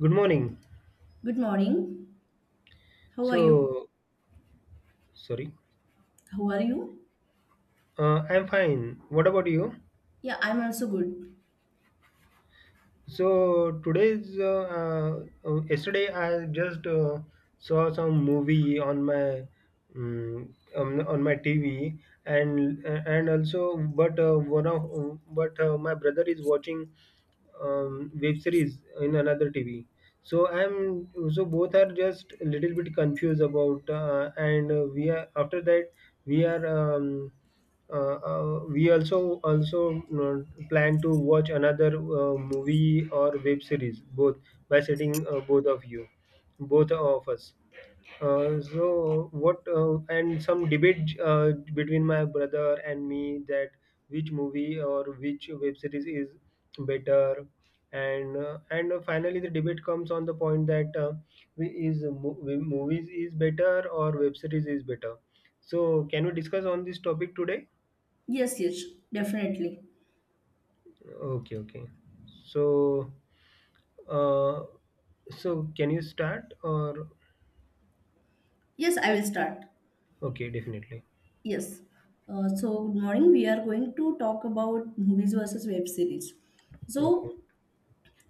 Good morning. Good morning. How are you? So, sorry, How are you? I'm fine. What about you? Yeah, I'm also good. Yesterday I just saw some movie on my TV, and and also, but one of but my brother is watching web series in another TV. So both are just a little bit confused about, and We are after that we are we also also plan to watch another movie or web series both by setting both of us. So what and some debate between my brother and me, that which movie or which web series is better, and and finally the debate comes on the point that, movies is better or web series is better. So can we discuss on this topic today? Yes, yes, definitely. Okay, okay. So uh, so can you start? Or Yes, I will start. okay, definitely. Yes. Good morning. We are going to talk about movies versus web series. Okay. So,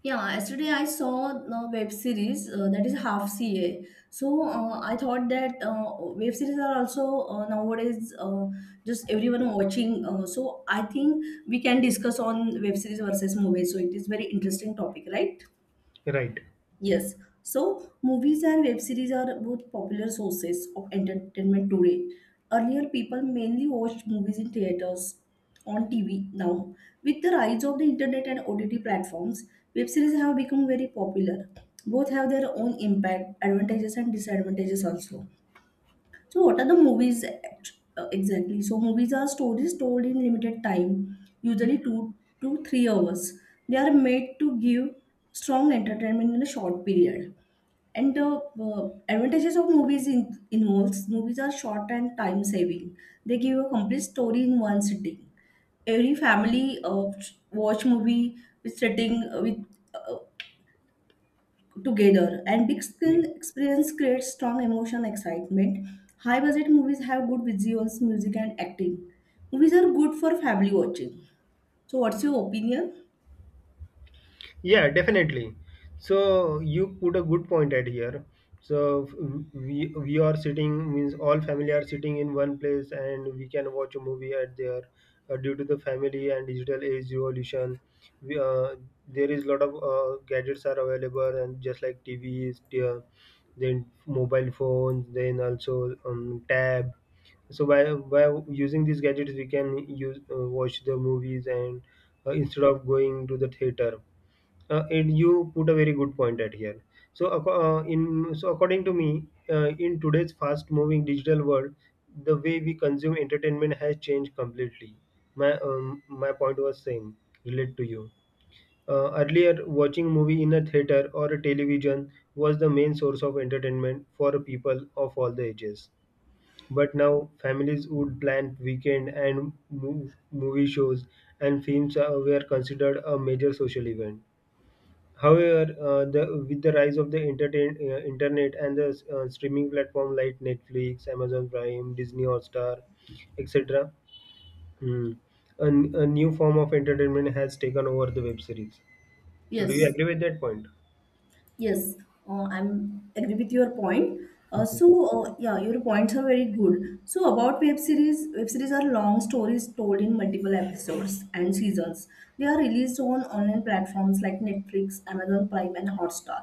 yeah, yesterday I saw a web series that is Half CA. So, I thought that web series are also nowadays just everyone watching. I think we can discuss on web series versus movies. So, it is very interesting topic, right? Right. Yes, so movies and web series are both popular sources of entertainment today. Earlier, people mainly watched movies in theaters, on TV. Now, with the rise of the internet and OTT platforms, web series have become very popular. Both have their own impact, advantages, and disadvantages also. So, what are the exactly? So, movies are stories told in limited time, usually 2 to 3 hours. They are made to give strong entertainment in a short period. And the advantages of involves movies are short and time saving. They give a complete story in one sitting. Every family watch movie with sitting with uh, together, and big Yeah. screen experience creates strong emotion excitement. High budget movies have good visuals, music, and acting. Movies are good for family watching. So what's your opinion? Yeah, definitely. So you put a good point at here. So f- we are sitting means all family are sitting in one place and we can watch a movie at there. Due to the family and digital age revolution, we, uh, there is lot of gadgets are available, and just like TVs, uh, then mobile phones, then also tab. So by using these gadgets, we can use watch the movies and instead of going to the theater. And you put a very good point at here. So, according to me, in today's fast-moving digital world, the way we consume entertainment has changed completely. My point was same, relate to you. Earlier, watching movie in a theater or a television was the main source of entertainment for people of all the ages. But now, families would plan weekend and movie shows, and films were considered a major social event. However, with the rise of the internet and the streaming platform like Netflix, Amazon Prime, Disney Hotstar, etc., mm, a new form of entertainment has taken over the web series. So, do you Yes, agree with that point? yes. I'm agree with your point. uh, so yeah, your points are very good. So about web series, web series are long stories told in multiple episodes and seasons. They are released on online platforms like Netflix, Amazon Prime, and Hotstar.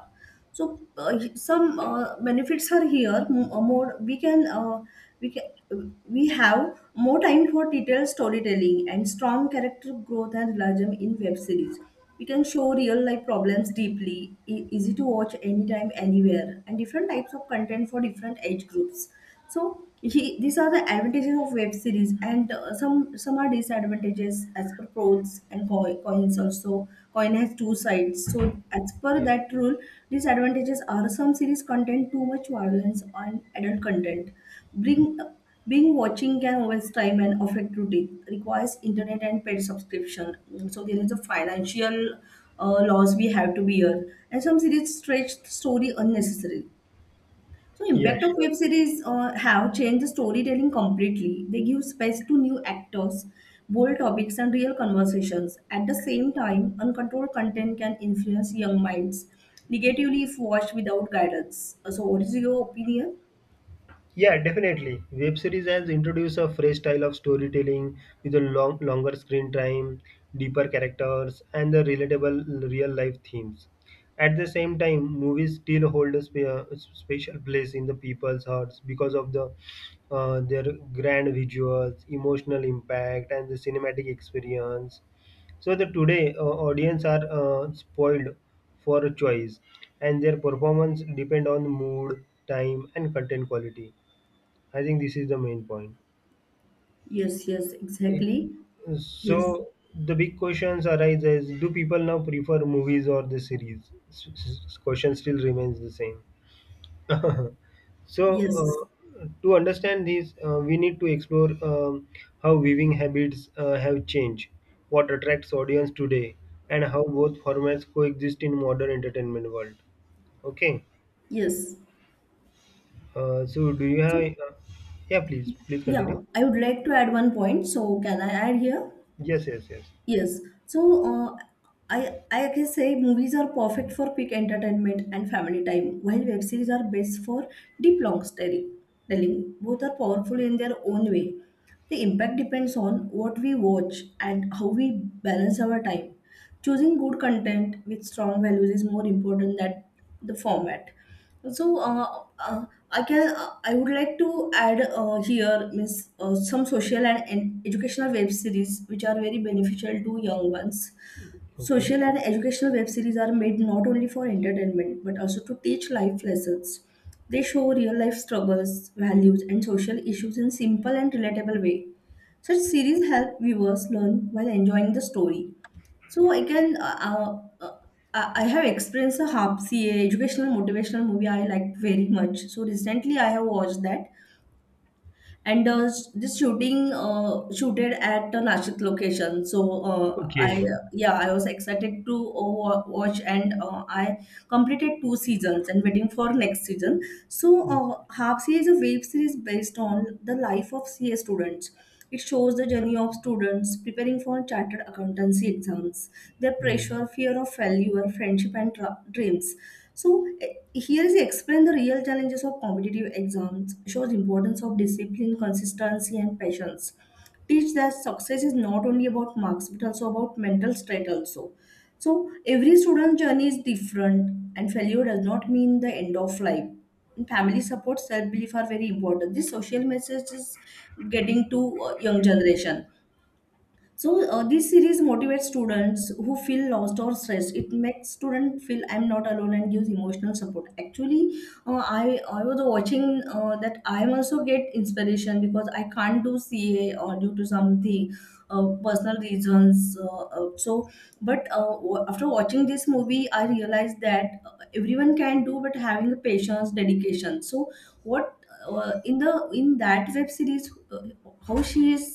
So some benefits are here. More we can we have more time for detailed storytelling and strong character growth and realism in web series. We can show real life problems deeply, easy to watch anytime, anywhere, and different types of content for different age groups. So these are the advantages of web series, and some are disadvantages. As per pros and coins also, coin has two sides, so as per that rule, disadvantages are: some series contain too much violence on adult content. Bring being watching can waste time and affect routine, requires internet and paid subscription. Mm, so there is a financial loss we have to bear, and some series stretch story unnecessarily. So Yeah, impact of sure. web series have changed the storytelling completely. They give space to new actors, bold topics, and real conversations. At the same time, uncontrolled content can influence young minds negatively if watched without guidance. So what is your opinion? Yeah, definitely. Web series has introduced a fresh style of storytelling with a longer screen time, deeper characters, and the relatable real life themes. At the same time, movies still hold a a special place in the people's hearts because of their grand visuals, emotional impact, and the cinematic experience. So the today audience are spoiled for a choice, and their performance depend on mood, time, and content quality. I think this is the main point. Yes, yes, exactly. Yes, So the big questions arise: as do people now prefer movies or the series? Question still remains the same. so yes, uh, to understand this, we need to explore how viewing habits have changed, what attracts audience today, and how both formats coexist in modern entertainment world. Okay. yes. So do you have? So Yeah, please, please yeah, continue. I would like to add one point. So can I add here? Yes, yes, yes. Yes. So I can say movies are perfect for quick entertainment and family time, while web series are best for deep long story telling. Both are powerful in their own way. The impact depends on what we watch and how we balance our time. Choosing good content with strong values is more important than the format. So I would like to add here means some social and educational web series which are very beneficial to young ones. Okay. Social and educational web series are made not only for entertainment but also to teach life lessons. They show real life struggles, values, and social issues in simple and relatable way. Such series help viewers learn while enjoying the story. So I have experienced a HARP CA educational motivational movie I liked very much. So recently I have watched that, and this shooting shooted at the Nashik location. So I Okay. yeah, I was excited to watch, and I completed two seasons and waiting for next season. So Half C is a web series based on the life of CA students. It shows the journey of students preparing for chartered accountancy exams, their Mm. pressure, fear of failure, friendship, and dreams. So here is explain the real challenges of competitive exams, shows importance of discipline, consistency, and patience. Teach that success is not only about marks but also about mental state also. So every student journey is different, and failure does not mean the end of life. And family support, self belief are very important. This social message is getting to young generation. So this series motivates students who feel lost or stressed. It makes students feel I'm not alone and gives emotional support. Actually, I was watching that. I also get inspiration because I can't do CA or due to something personal reasons. After watching this movie, I realized that everyone can do, but having a patience, dedication. So what in the in that web series, how she is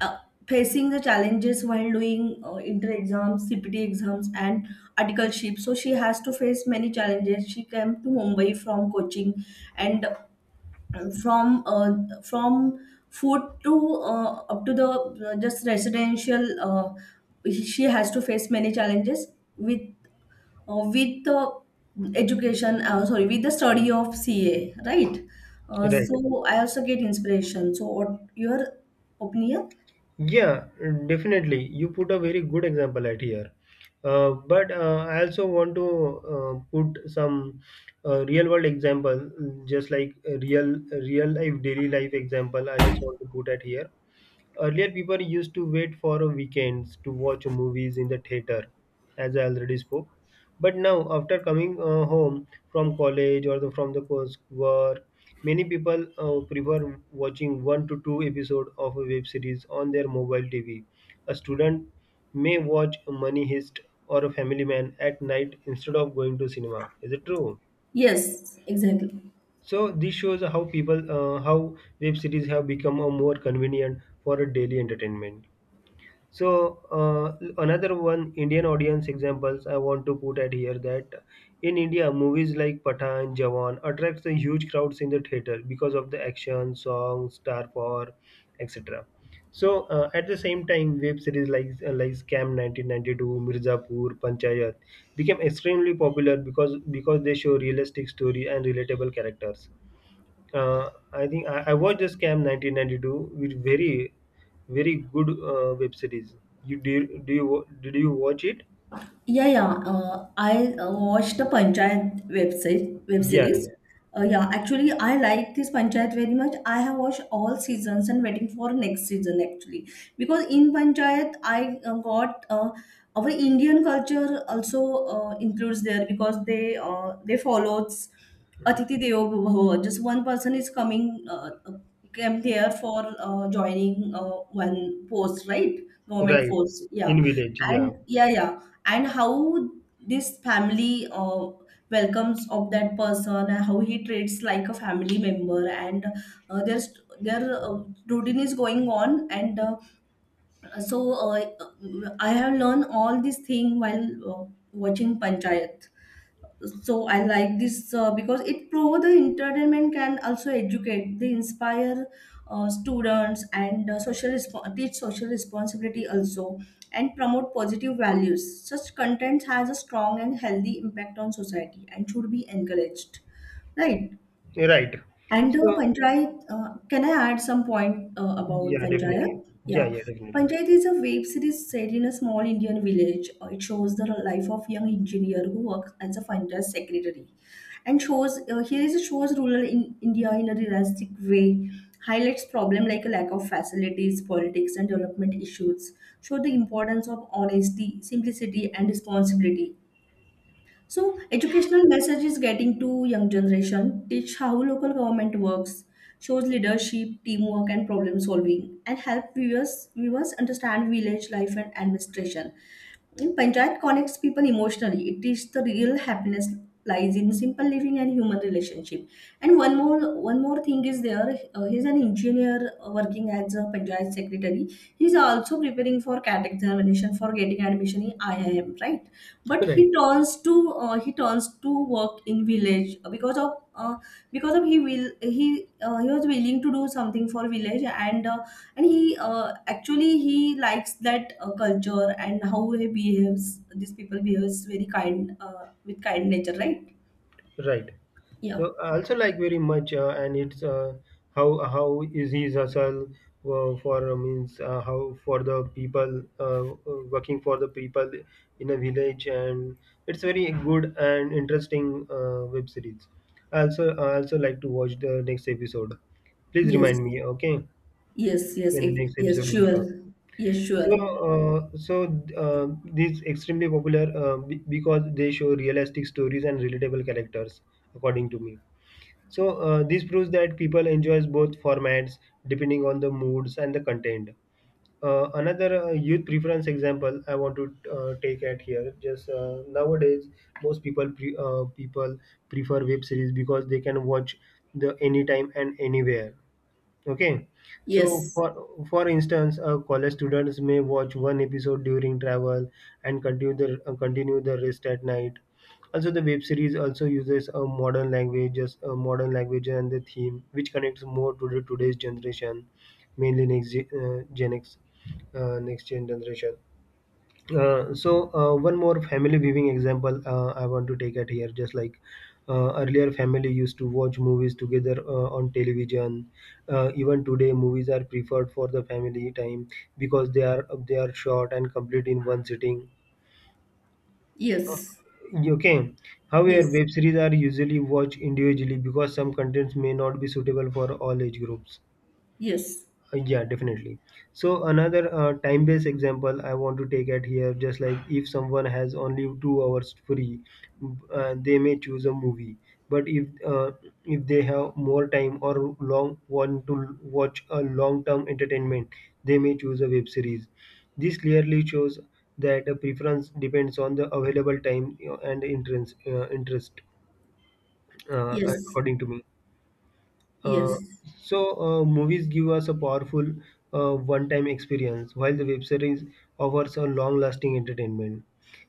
uh, facing the challenges while doing inter exams, CPT exams, and articleship. So she has to face many challenges. She came to Mumbai from coaching, and from food to up to the just residential. She has to face many challenges with with the education. Sorry, with the study of CA, right? Right. I also get inspiration. So what your opinion? Yeah, definitely. You put a very good example at here. But I also want to put some real world example, just like real life daily life example. I just want to put at here. Earlier, people used to wait for a weekends to watch movies in the theater, as I already spoke. But now, after coming home from college or from the course work, many people prefer watching one to two episode of a web series on their mobile TV. A student may watch Money Heist or a Family Man at night instead of going to cinema. Is it true? Yes, exactly. So this shows how web series have become a more convenient for a daily entertainment. So another one Indian audience examples I want to put at here, that in India movies like Pathan, Jawan attracts the huge crowds in the theater because of the action, songs, star power, etc. So at the same time, web series like Scam 1992, Mirzapur, Panchayat became extremely popular because they show realistic story and relatable characters. I think I watched the Scam 1992 with very good web series. You do, do you wa- Did you watch it? Yeah, yeah. I Watched the Panchayat website web Yeah, series. yeah. Yeah, actually, I like this Panchayat very much. I have watched all seasons and waiting for next season actually because in Panchayat I got our Indian culture also includes there because they follows Atiti Devo Bhava. Just one person is coming came there for joining one post, right? Government Right. force. Yeah, In village, yeah, and yeah, yeah, and how this family welcomes of that person and how he treats like a family member, and there's their routine is going on, and so uh, I have learned all these thing while uh, watching Panchayat. So I like this because it proves the entertainment can also educate, they inspire students, and teach social responsibility also, and promote positive values. Such content has a strong and healthy impact on society and should be encouraged, right? right. And Panchayat, can I add some point about Yeah, definitely. Panchayat? Yeah, Yeah. yeah, definitely. Panchayat is a web series set in a small Indian village. It shows the life of young engineer who works as a finance secretary, and shows here is it shows rural in India in a realistic way, highlights problem like a lack of facilities, politics, and development issues. Show the importance of honesty, simplicity, and responsibility. So educational message is getting to young generation, teach how local government works, shows leadership, teamwork and problem solving, and help viewers understand village life and administration. In Panchayat connects people emotionally. It is the real happiness lies in simple living and human relationship. And one more thing is there. He's an engineer working as a Panchayat secretary. He's also preparing for CAT examination for getting admission in IIM, right? But Right. He turns to work in village because of he will he was willing to do something for village, and he actually he likes that culture, and how he behaves, these people behaves very kind with kind nature, right? Right. Yeah. So I also like very much, and it's how is his hustle for means how for the people, working for the people in a village, and it's very good and interesting web series. I also like to watch the next episode. Please Yes, remind me, okay, yes, when the next yes, episode will sure. come. Yes, sure. So, uh, so uh, this extremely popular because they show realistic stories and relatable characters, according to me. So this proves that people enjoys both formats depending on the moods and the content. Another youth preference example I want to take at here. Just nowadays, most people prefer web series because they can watch the anytime and anywhere. Okay, so Yes. For instance, college students may watch one episode during travel and continue the rest at night. Also, the web series also uses a modern language and the theme, which connects more to the today's generation, mainly Gen X, next gen generation. So one more family viewing example I want to take at here. Just like earlier, family used to watch movies together on television. Even today, movies are preferred for the family time because they are short and complete in one sitting. Yes, Okay. However, yes. web series are usually watched individually because some contents may not be suitable for all age groups. Yes, Yeah, definitely. So another time-based example I want to take at here, just like if someone has only 2 hours free, they may choose a movie. But if they have more time or long want to watch a long-term entertainment, they may choose a web series. This clearly shows that a preference depends on the available time you and interest. Interest, yes, according to me. Uh, yes, so, movies give us a powerful one-time experience, while the web series offers a long-lasting entertainment.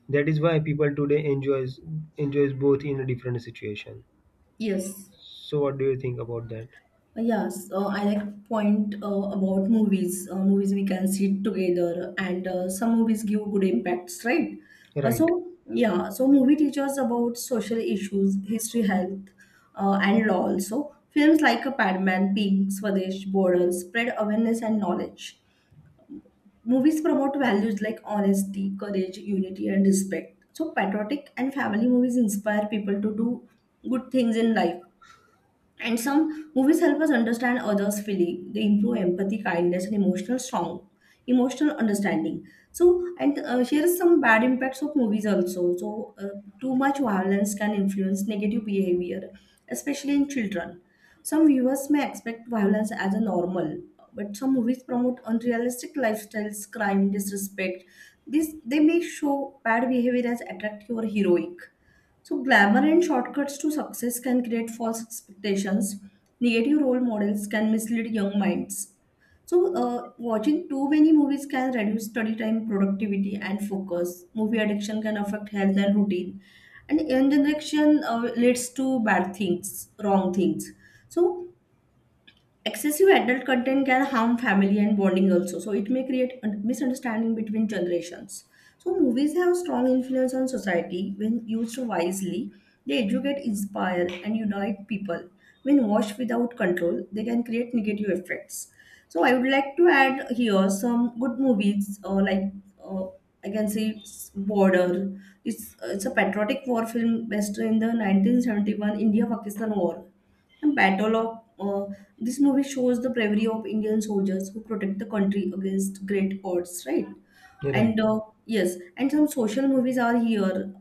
That is why people today enjoys both in a different situation. yes. So, what do you think about that? Yes, I like point about movies. Movies we can sit together, and some movies give good impacts, right? Right, Yeah, so movie teaches about social issues, history, health, and law. Also, films like a Padman, Pink, Swadesh, Border spread awareness and knowledge. Movies promote values like honesty, courage, unity, and respect. So patriotic and family movies inspire people to do good things in life. And some movies help us understand others' feeling. They improve empathy, kindness, and emotional understanding. So, and here is some bad impacts of movies also. So, too much violence can influence negative behavior, especially in children. Some viewers may expect violence as a normal, but some movies promote unrealistic lifestyles, crime, disrespect. This they may show bad behavior as attractive or heroic. So, glamour and shortcuts to success can create false expectations. Negative role models can mislead young minds. So, watching too many movies can reduce study time, productivity, and focus. Movie addiction can affect health and routine. And young generation leads to bad things, wrong things. So, excessive adult content can harm family and bonding also, so it may create a misunderstanding between generations. So movies have strong influence on society. When used wisely, they educate, inspire, and unite people. When watched without control, they can create negative effects. So I would like to add here some good movies, like uh, I can say Border. It's a patriotic war film based in the 1971 India Pakistan war. The Battle of This movie shows the bravery of Indian soldiers who protect the country against great odds, right? And right. Yes, and some social movies are here,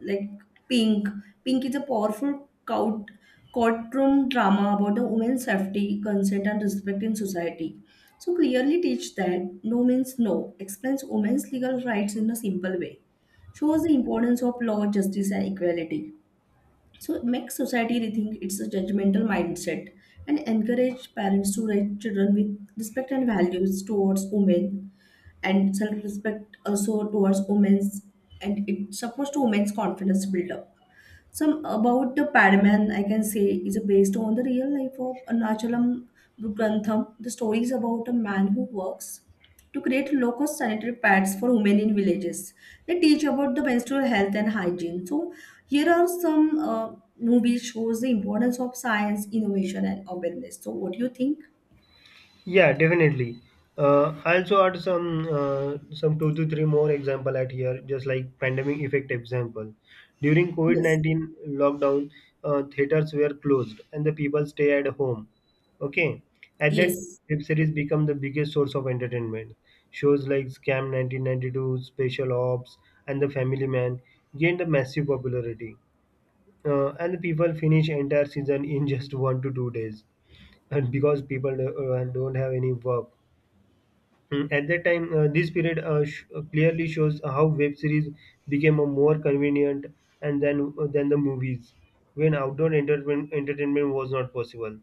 like Pink. Pink is a powerful courtroom drama about the women's safety, consent, and respect in society. So clearly teach that no means no. Explains women's legal rights in a simple way. Shows the importance of law, justice, and equality, so it makes society rethink it's a judgmental mindset and encourage parents to raise children with respect and values towards women, and self-respect also towards women's, and it supports to women's confidence build up. Some about the Padman, I can say, is based on the real life of Arunachalam Grantham. The story is about a man who works to create local sanitary pads for women in villages. They teach about the menstrual health and hygiene. So here are some movies shows the importance of science, innovation, and awareness. So what do you think? Yeah, definitely. I also add some two to three more example at here, just like pandemic effect example. During COVID Yes. 19 lockdown, theaters were closed and the people stay at home. Okay, at that Yes. web series become the biggest source of entertainment. Shows like Scam 1992, Special Ops, and The Family Man gained a massive popularity, and the people finish entire season in just 1 to 2 days, and because people do don't have any work. Hmm, at that time, clearly shows how web series became a more convenient and then than the movies, when outdoor entertainment was not possible.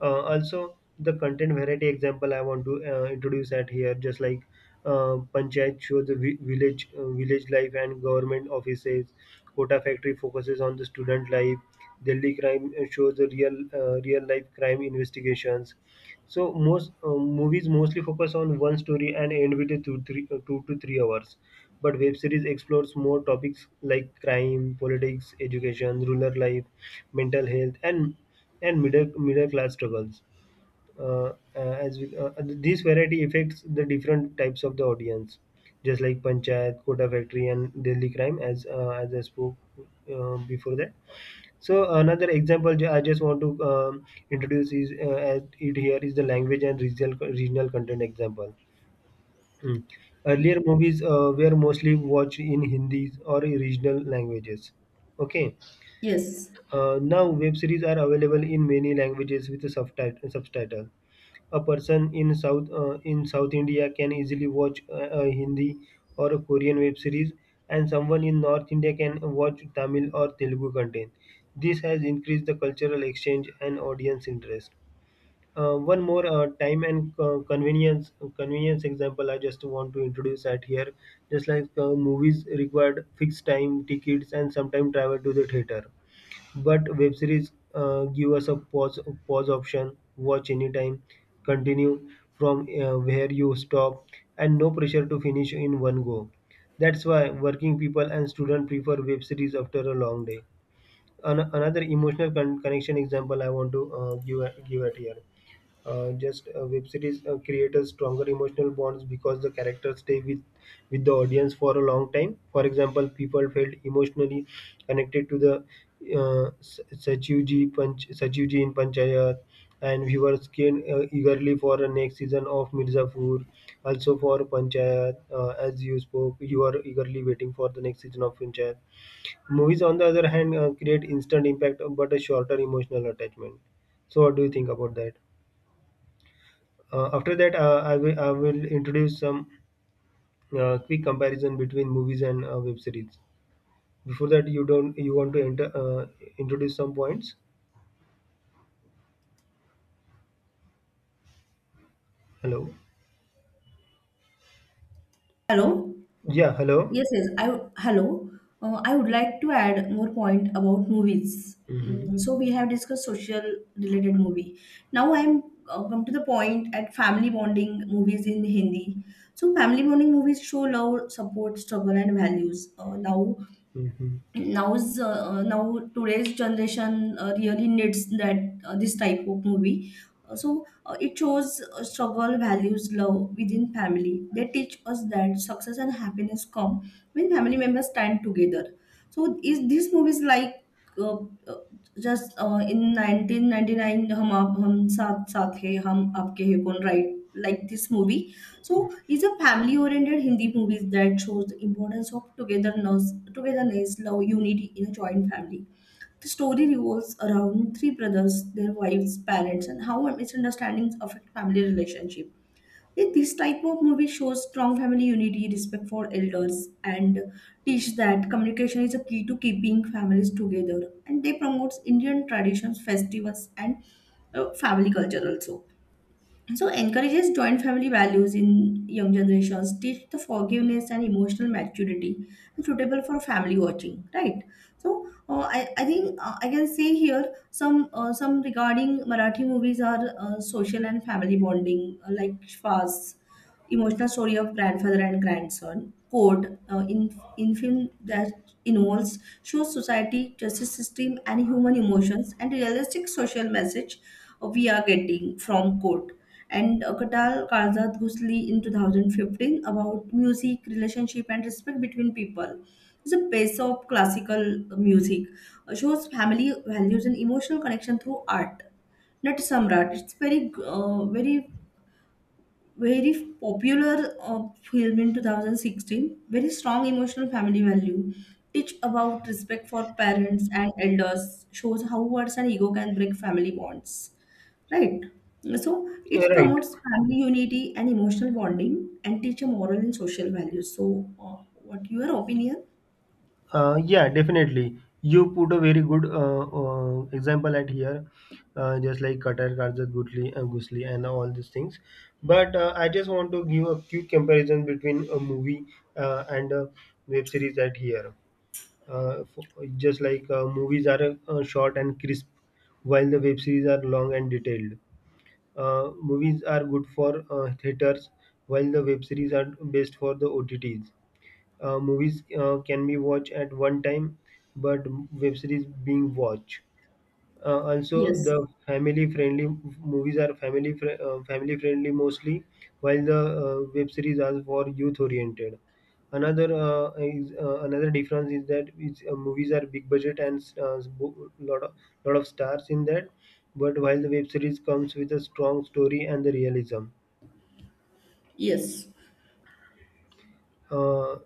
Also, the content variety example I want to introduce at here, just like panchayat shows the vi- village village life and government offices. Kota factory focuses on the student life. Delhi crime shows the real life crime investigations. So most movies mostly focus on one story and end with a 2 to 3 hours. But web series explores more topics like crime, politics, education, rural life, mental health, and middle class struggles. This variety affects the different types of the audience, just like panchayat, Kota factory, and Delhi crime, as I spoke before that. So another example, I just want to introduce is as it here is the language and regional content example. Hmm. Earlier movies were mostly watched in Hindi or regional languages. Okay, Yes. Now, web series are available in many languages with a subtitle. A person in South India can easily watch a Hindi or a Korean web series, and someone in North India can watch Tamil or Telugu content. This has increased the cultural exchange and audience interest. One more time and convenience example I just want to introduce at here. Just like movies required fixed time tickets and sometimes travel to the theater, but web series give us a pause option, watch anytime, continue from where you stop, and no pressure to finish in one go. That's why working people and students prefer web series after a long day. Another emotional connection example I want to give at here, just web series create a stronger emotional bonds because the characters stay with the audience for a long time. For example, people felt emotionally connected to the satyuji in panchayat, and viewers came eagerly for the next season of mirzapur, also for panchayat, as you spoke you are eagerly waiting for the next season of panchayat. Movies on the other hand create instant impact but a shorter emotional attachment. So what do you think about that? After that, I will introduce some quick comparison between movies and web series. Before that, you don't you want to enter introduce some points? Hello. Hello. Yeah. Hello. Yes, yes. Hello. I would like to add more point about movies. Mm-hmm. Mm, so we have discussed social related movie. Now I'm come to the point at family bonding movies in Hindi. So family bonding movies show love, support, struggle, and values. Now Mm-hmm. now's uh, uh, now today's generation really needs that this type of movie. Uh, so it shows struggle, values, love within family. They teach us that success and happiness come when family members stand together. So is these movies like uh, uh, just in 1999, Hum Aap, Hum Saath Saath Hai, Hum Aapke Hai Kon, right, like this movie. So it's a family-oriented Hindi movies that shows the importance of togetherness, love, unity in a joint family. The story revolves around three brothers, their wives, parents, and how misunderstandings affect family relationship. This type of movie shows strong family unity, respect for elders, and teach that communication is a key to keeping families together. And they promotes Indian traditions, festivals, and family culture also, so encourages joint family values in young generations, teach the forgiveness and emotional maturity, and suitable for family watching, right? So I think I can say here some regarding Marathi movies are social and family bonding, like Shvas, emotional story of grandfather and grandson. Code in film that involves shows society, justice system, and human emotions, and realistic social message we are getting from Court. And Katal Kalzad Ghusli in 2015, about music, relationship, and respect between people. It's a piece of classical music. Shows family values and emotional connection through art. Not Samrat. It's very popular film in 2016. Very strong emotional family value. Teach about respect for parents and elders. Shows how words and ego can break family bonds. Right. So Yeah, it right. promotes family unity and emotional bonding and teach a moral and social values. So, what your opinion? Yeah, definitely. You put a very good example at here, just like Qatar, Karzat, Gutli, Gusli, and all these things. But I just want to give a quick comparison between a movie and a web series at here, for, just like movies are short and crisp, while the web series are long and detailed. Movies are good for theaters, while the web series are best for the OTTs. Movies can be watched at one time, but web series being watched. Also, Yes. the family-friendly movies are family-friendly mostly, while the web series are for youth-oriented. Another difference is that movies are big budget and lot of stars in that, but while the web series comes with a strong story and the realism. Yes. Uh,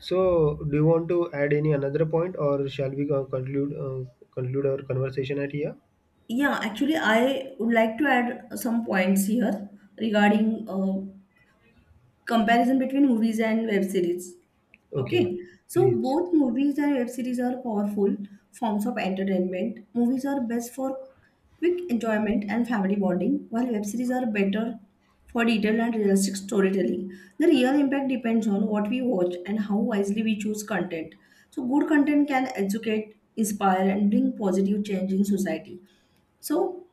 so, do you want to add any another point, or shall we conclude our conversation at here? Yeah, actually, I would like to add some points here regarding comparison between movies and web series. Okay, Okay, so please. both movies and web series are powerful forms of entertainment. Movies are best for quick enjoyment and family bonding, while web series are better for detailed and realistic storytelling. The real impact depends on what we watch and how wisely we choose content. So, good content can educate, inspire, and bring positive change in society. So,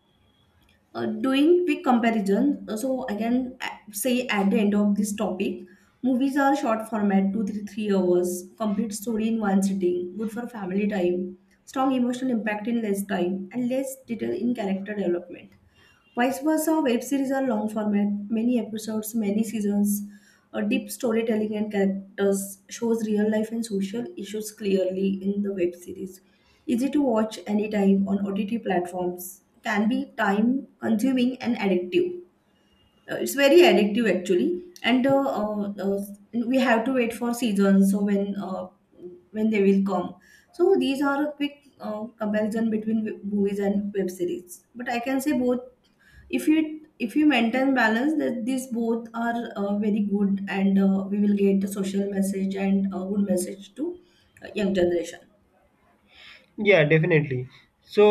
doing quick comparison, so I can say at the end of this topic, movies are short format, two three three hours, complete story in one sitting, good for family time, strong emotional impact in less time, and less detail in character development. Vice versa, web series are long format, many episodes, many seasons, a deep storytelling and characters shows real life and social issues clearly in the web series. Easy to watch anytime on OTT platforms. Can be time consuming and addictive. It's very addictive actually, and we have to wait for seasons. So when they will come. So these are a quick comparison between movies and web series. But I can say both, if you maintain balance, that these both are very good and we will get a social message and a good message to young generation. Yeah, definitely. So,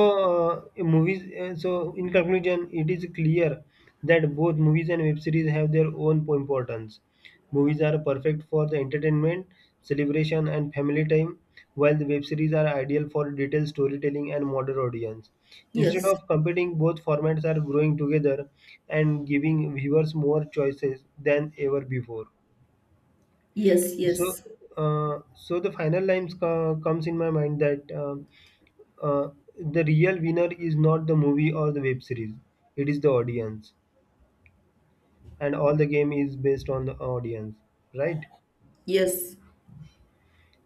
so in conclusion, it is clear that both movies and web series have their own importance. Movies are perfect for the entertainment, celebration, and family time, while the web series are ideal for detailed storytelling and modern audience. Instead Yes, of competing, both formats are growing together and giving viewers more choices than ever before. yes, So, yes, so the final lines comes in my mind that. Uh, the real winner is not the movie or the web series, it is the audience, and all the game is based on the audience, right? yes.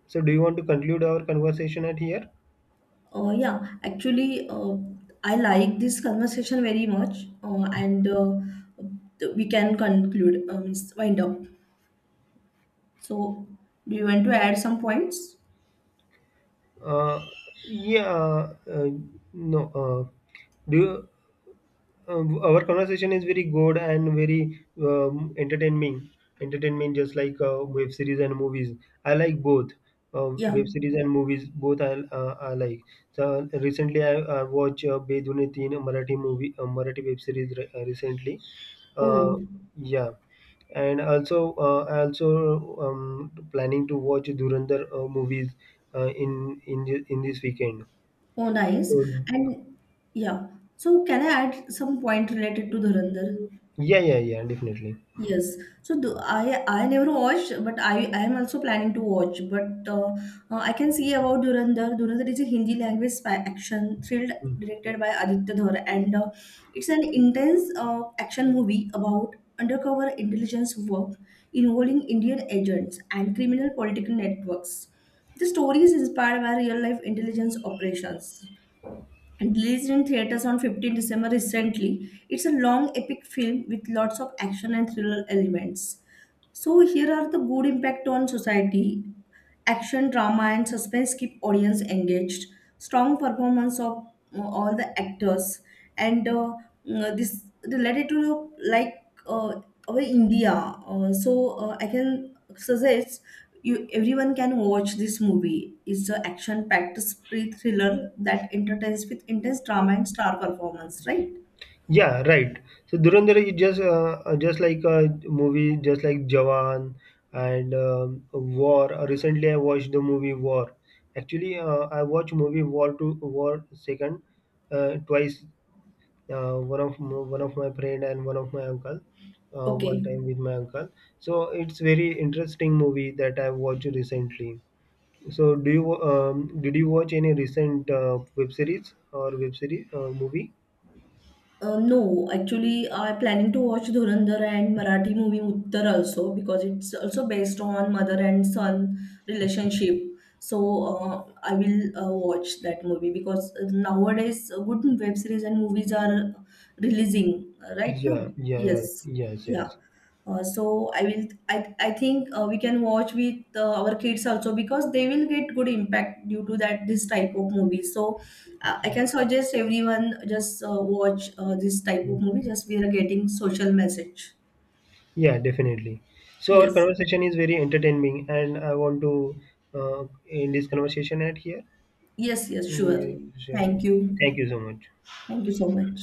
So, do you want to conclude our conversation at here? Yeah, actually, I like this conversation very much, and we can conclude, wind up. So do you want to add some points? Uh, yeah, uh, no. Do you, our conversation is very good and very entertaining. Entertainment, just like web series and movies. I like both. Yeah. Web series and movies, both I like. So recently, I watched Bedune Teen, a Marathi movie, a Marathi web series recently. Oh. Uh, yeah, and also I also planning to watch Durandar movies in this weekend. Oh, nice. So And yeah, so can I add some point related to Dhurandhar? yeah, yeah, yeah, definitely. Yes. So I never watched, but I am also planning to watch. But I can see about Dhurandhar. Dhurandhar is a Hindi language spy action thrilled Mm. directed by Aditya Dhar, and it's an intense action movie about undercover intelligence work involving Indian agents and criminal political networks. The story is inspired by real life intelligence operations and released in theaters on 15th December recently. It's a long epic film with lots of action and thriller elements. So here are the good impact on society. Action, drama, and suspense keep audience engaged. Strong performance of all the actors, and this related to the, like uh, our India. I can suggest you everyone can watch this movie. It's an action-packed spree thriller that entertains with intense drama and star performance. Right? Yeah, right. So Dhurandhar is just like a movie, just like Jawan and War. Recently, I watched the movie War. Actually, I watched movie War to War second twice. One of my friend and one of my uncle. One Okay. time with my uncle. So it's very interesting movie that I watched recently. So do you did you watch any recent web series or web series movie? No, actually, I'm planning to watch Dhurandhar and Marathi movie Uttar also, because it's also based on mother and son Okay. relationship. So I will watch that movie, because nowadays good web series and movies are releasing right Yeah, now. yeah, right. Yes, Yes, yeah. yes. So I think we can watch with our kids also, because they will get good impact due to that this type of movie. So I can suggest everyone just watch this type of Mm. movie. Just we are getting social message. Yeah, definitely. So our Yes, conversation is very entertaining, and I want to uh, end this conversation at here. yes, yes, sure. Mm. So, Thank thank you. you so much. Thank you so much.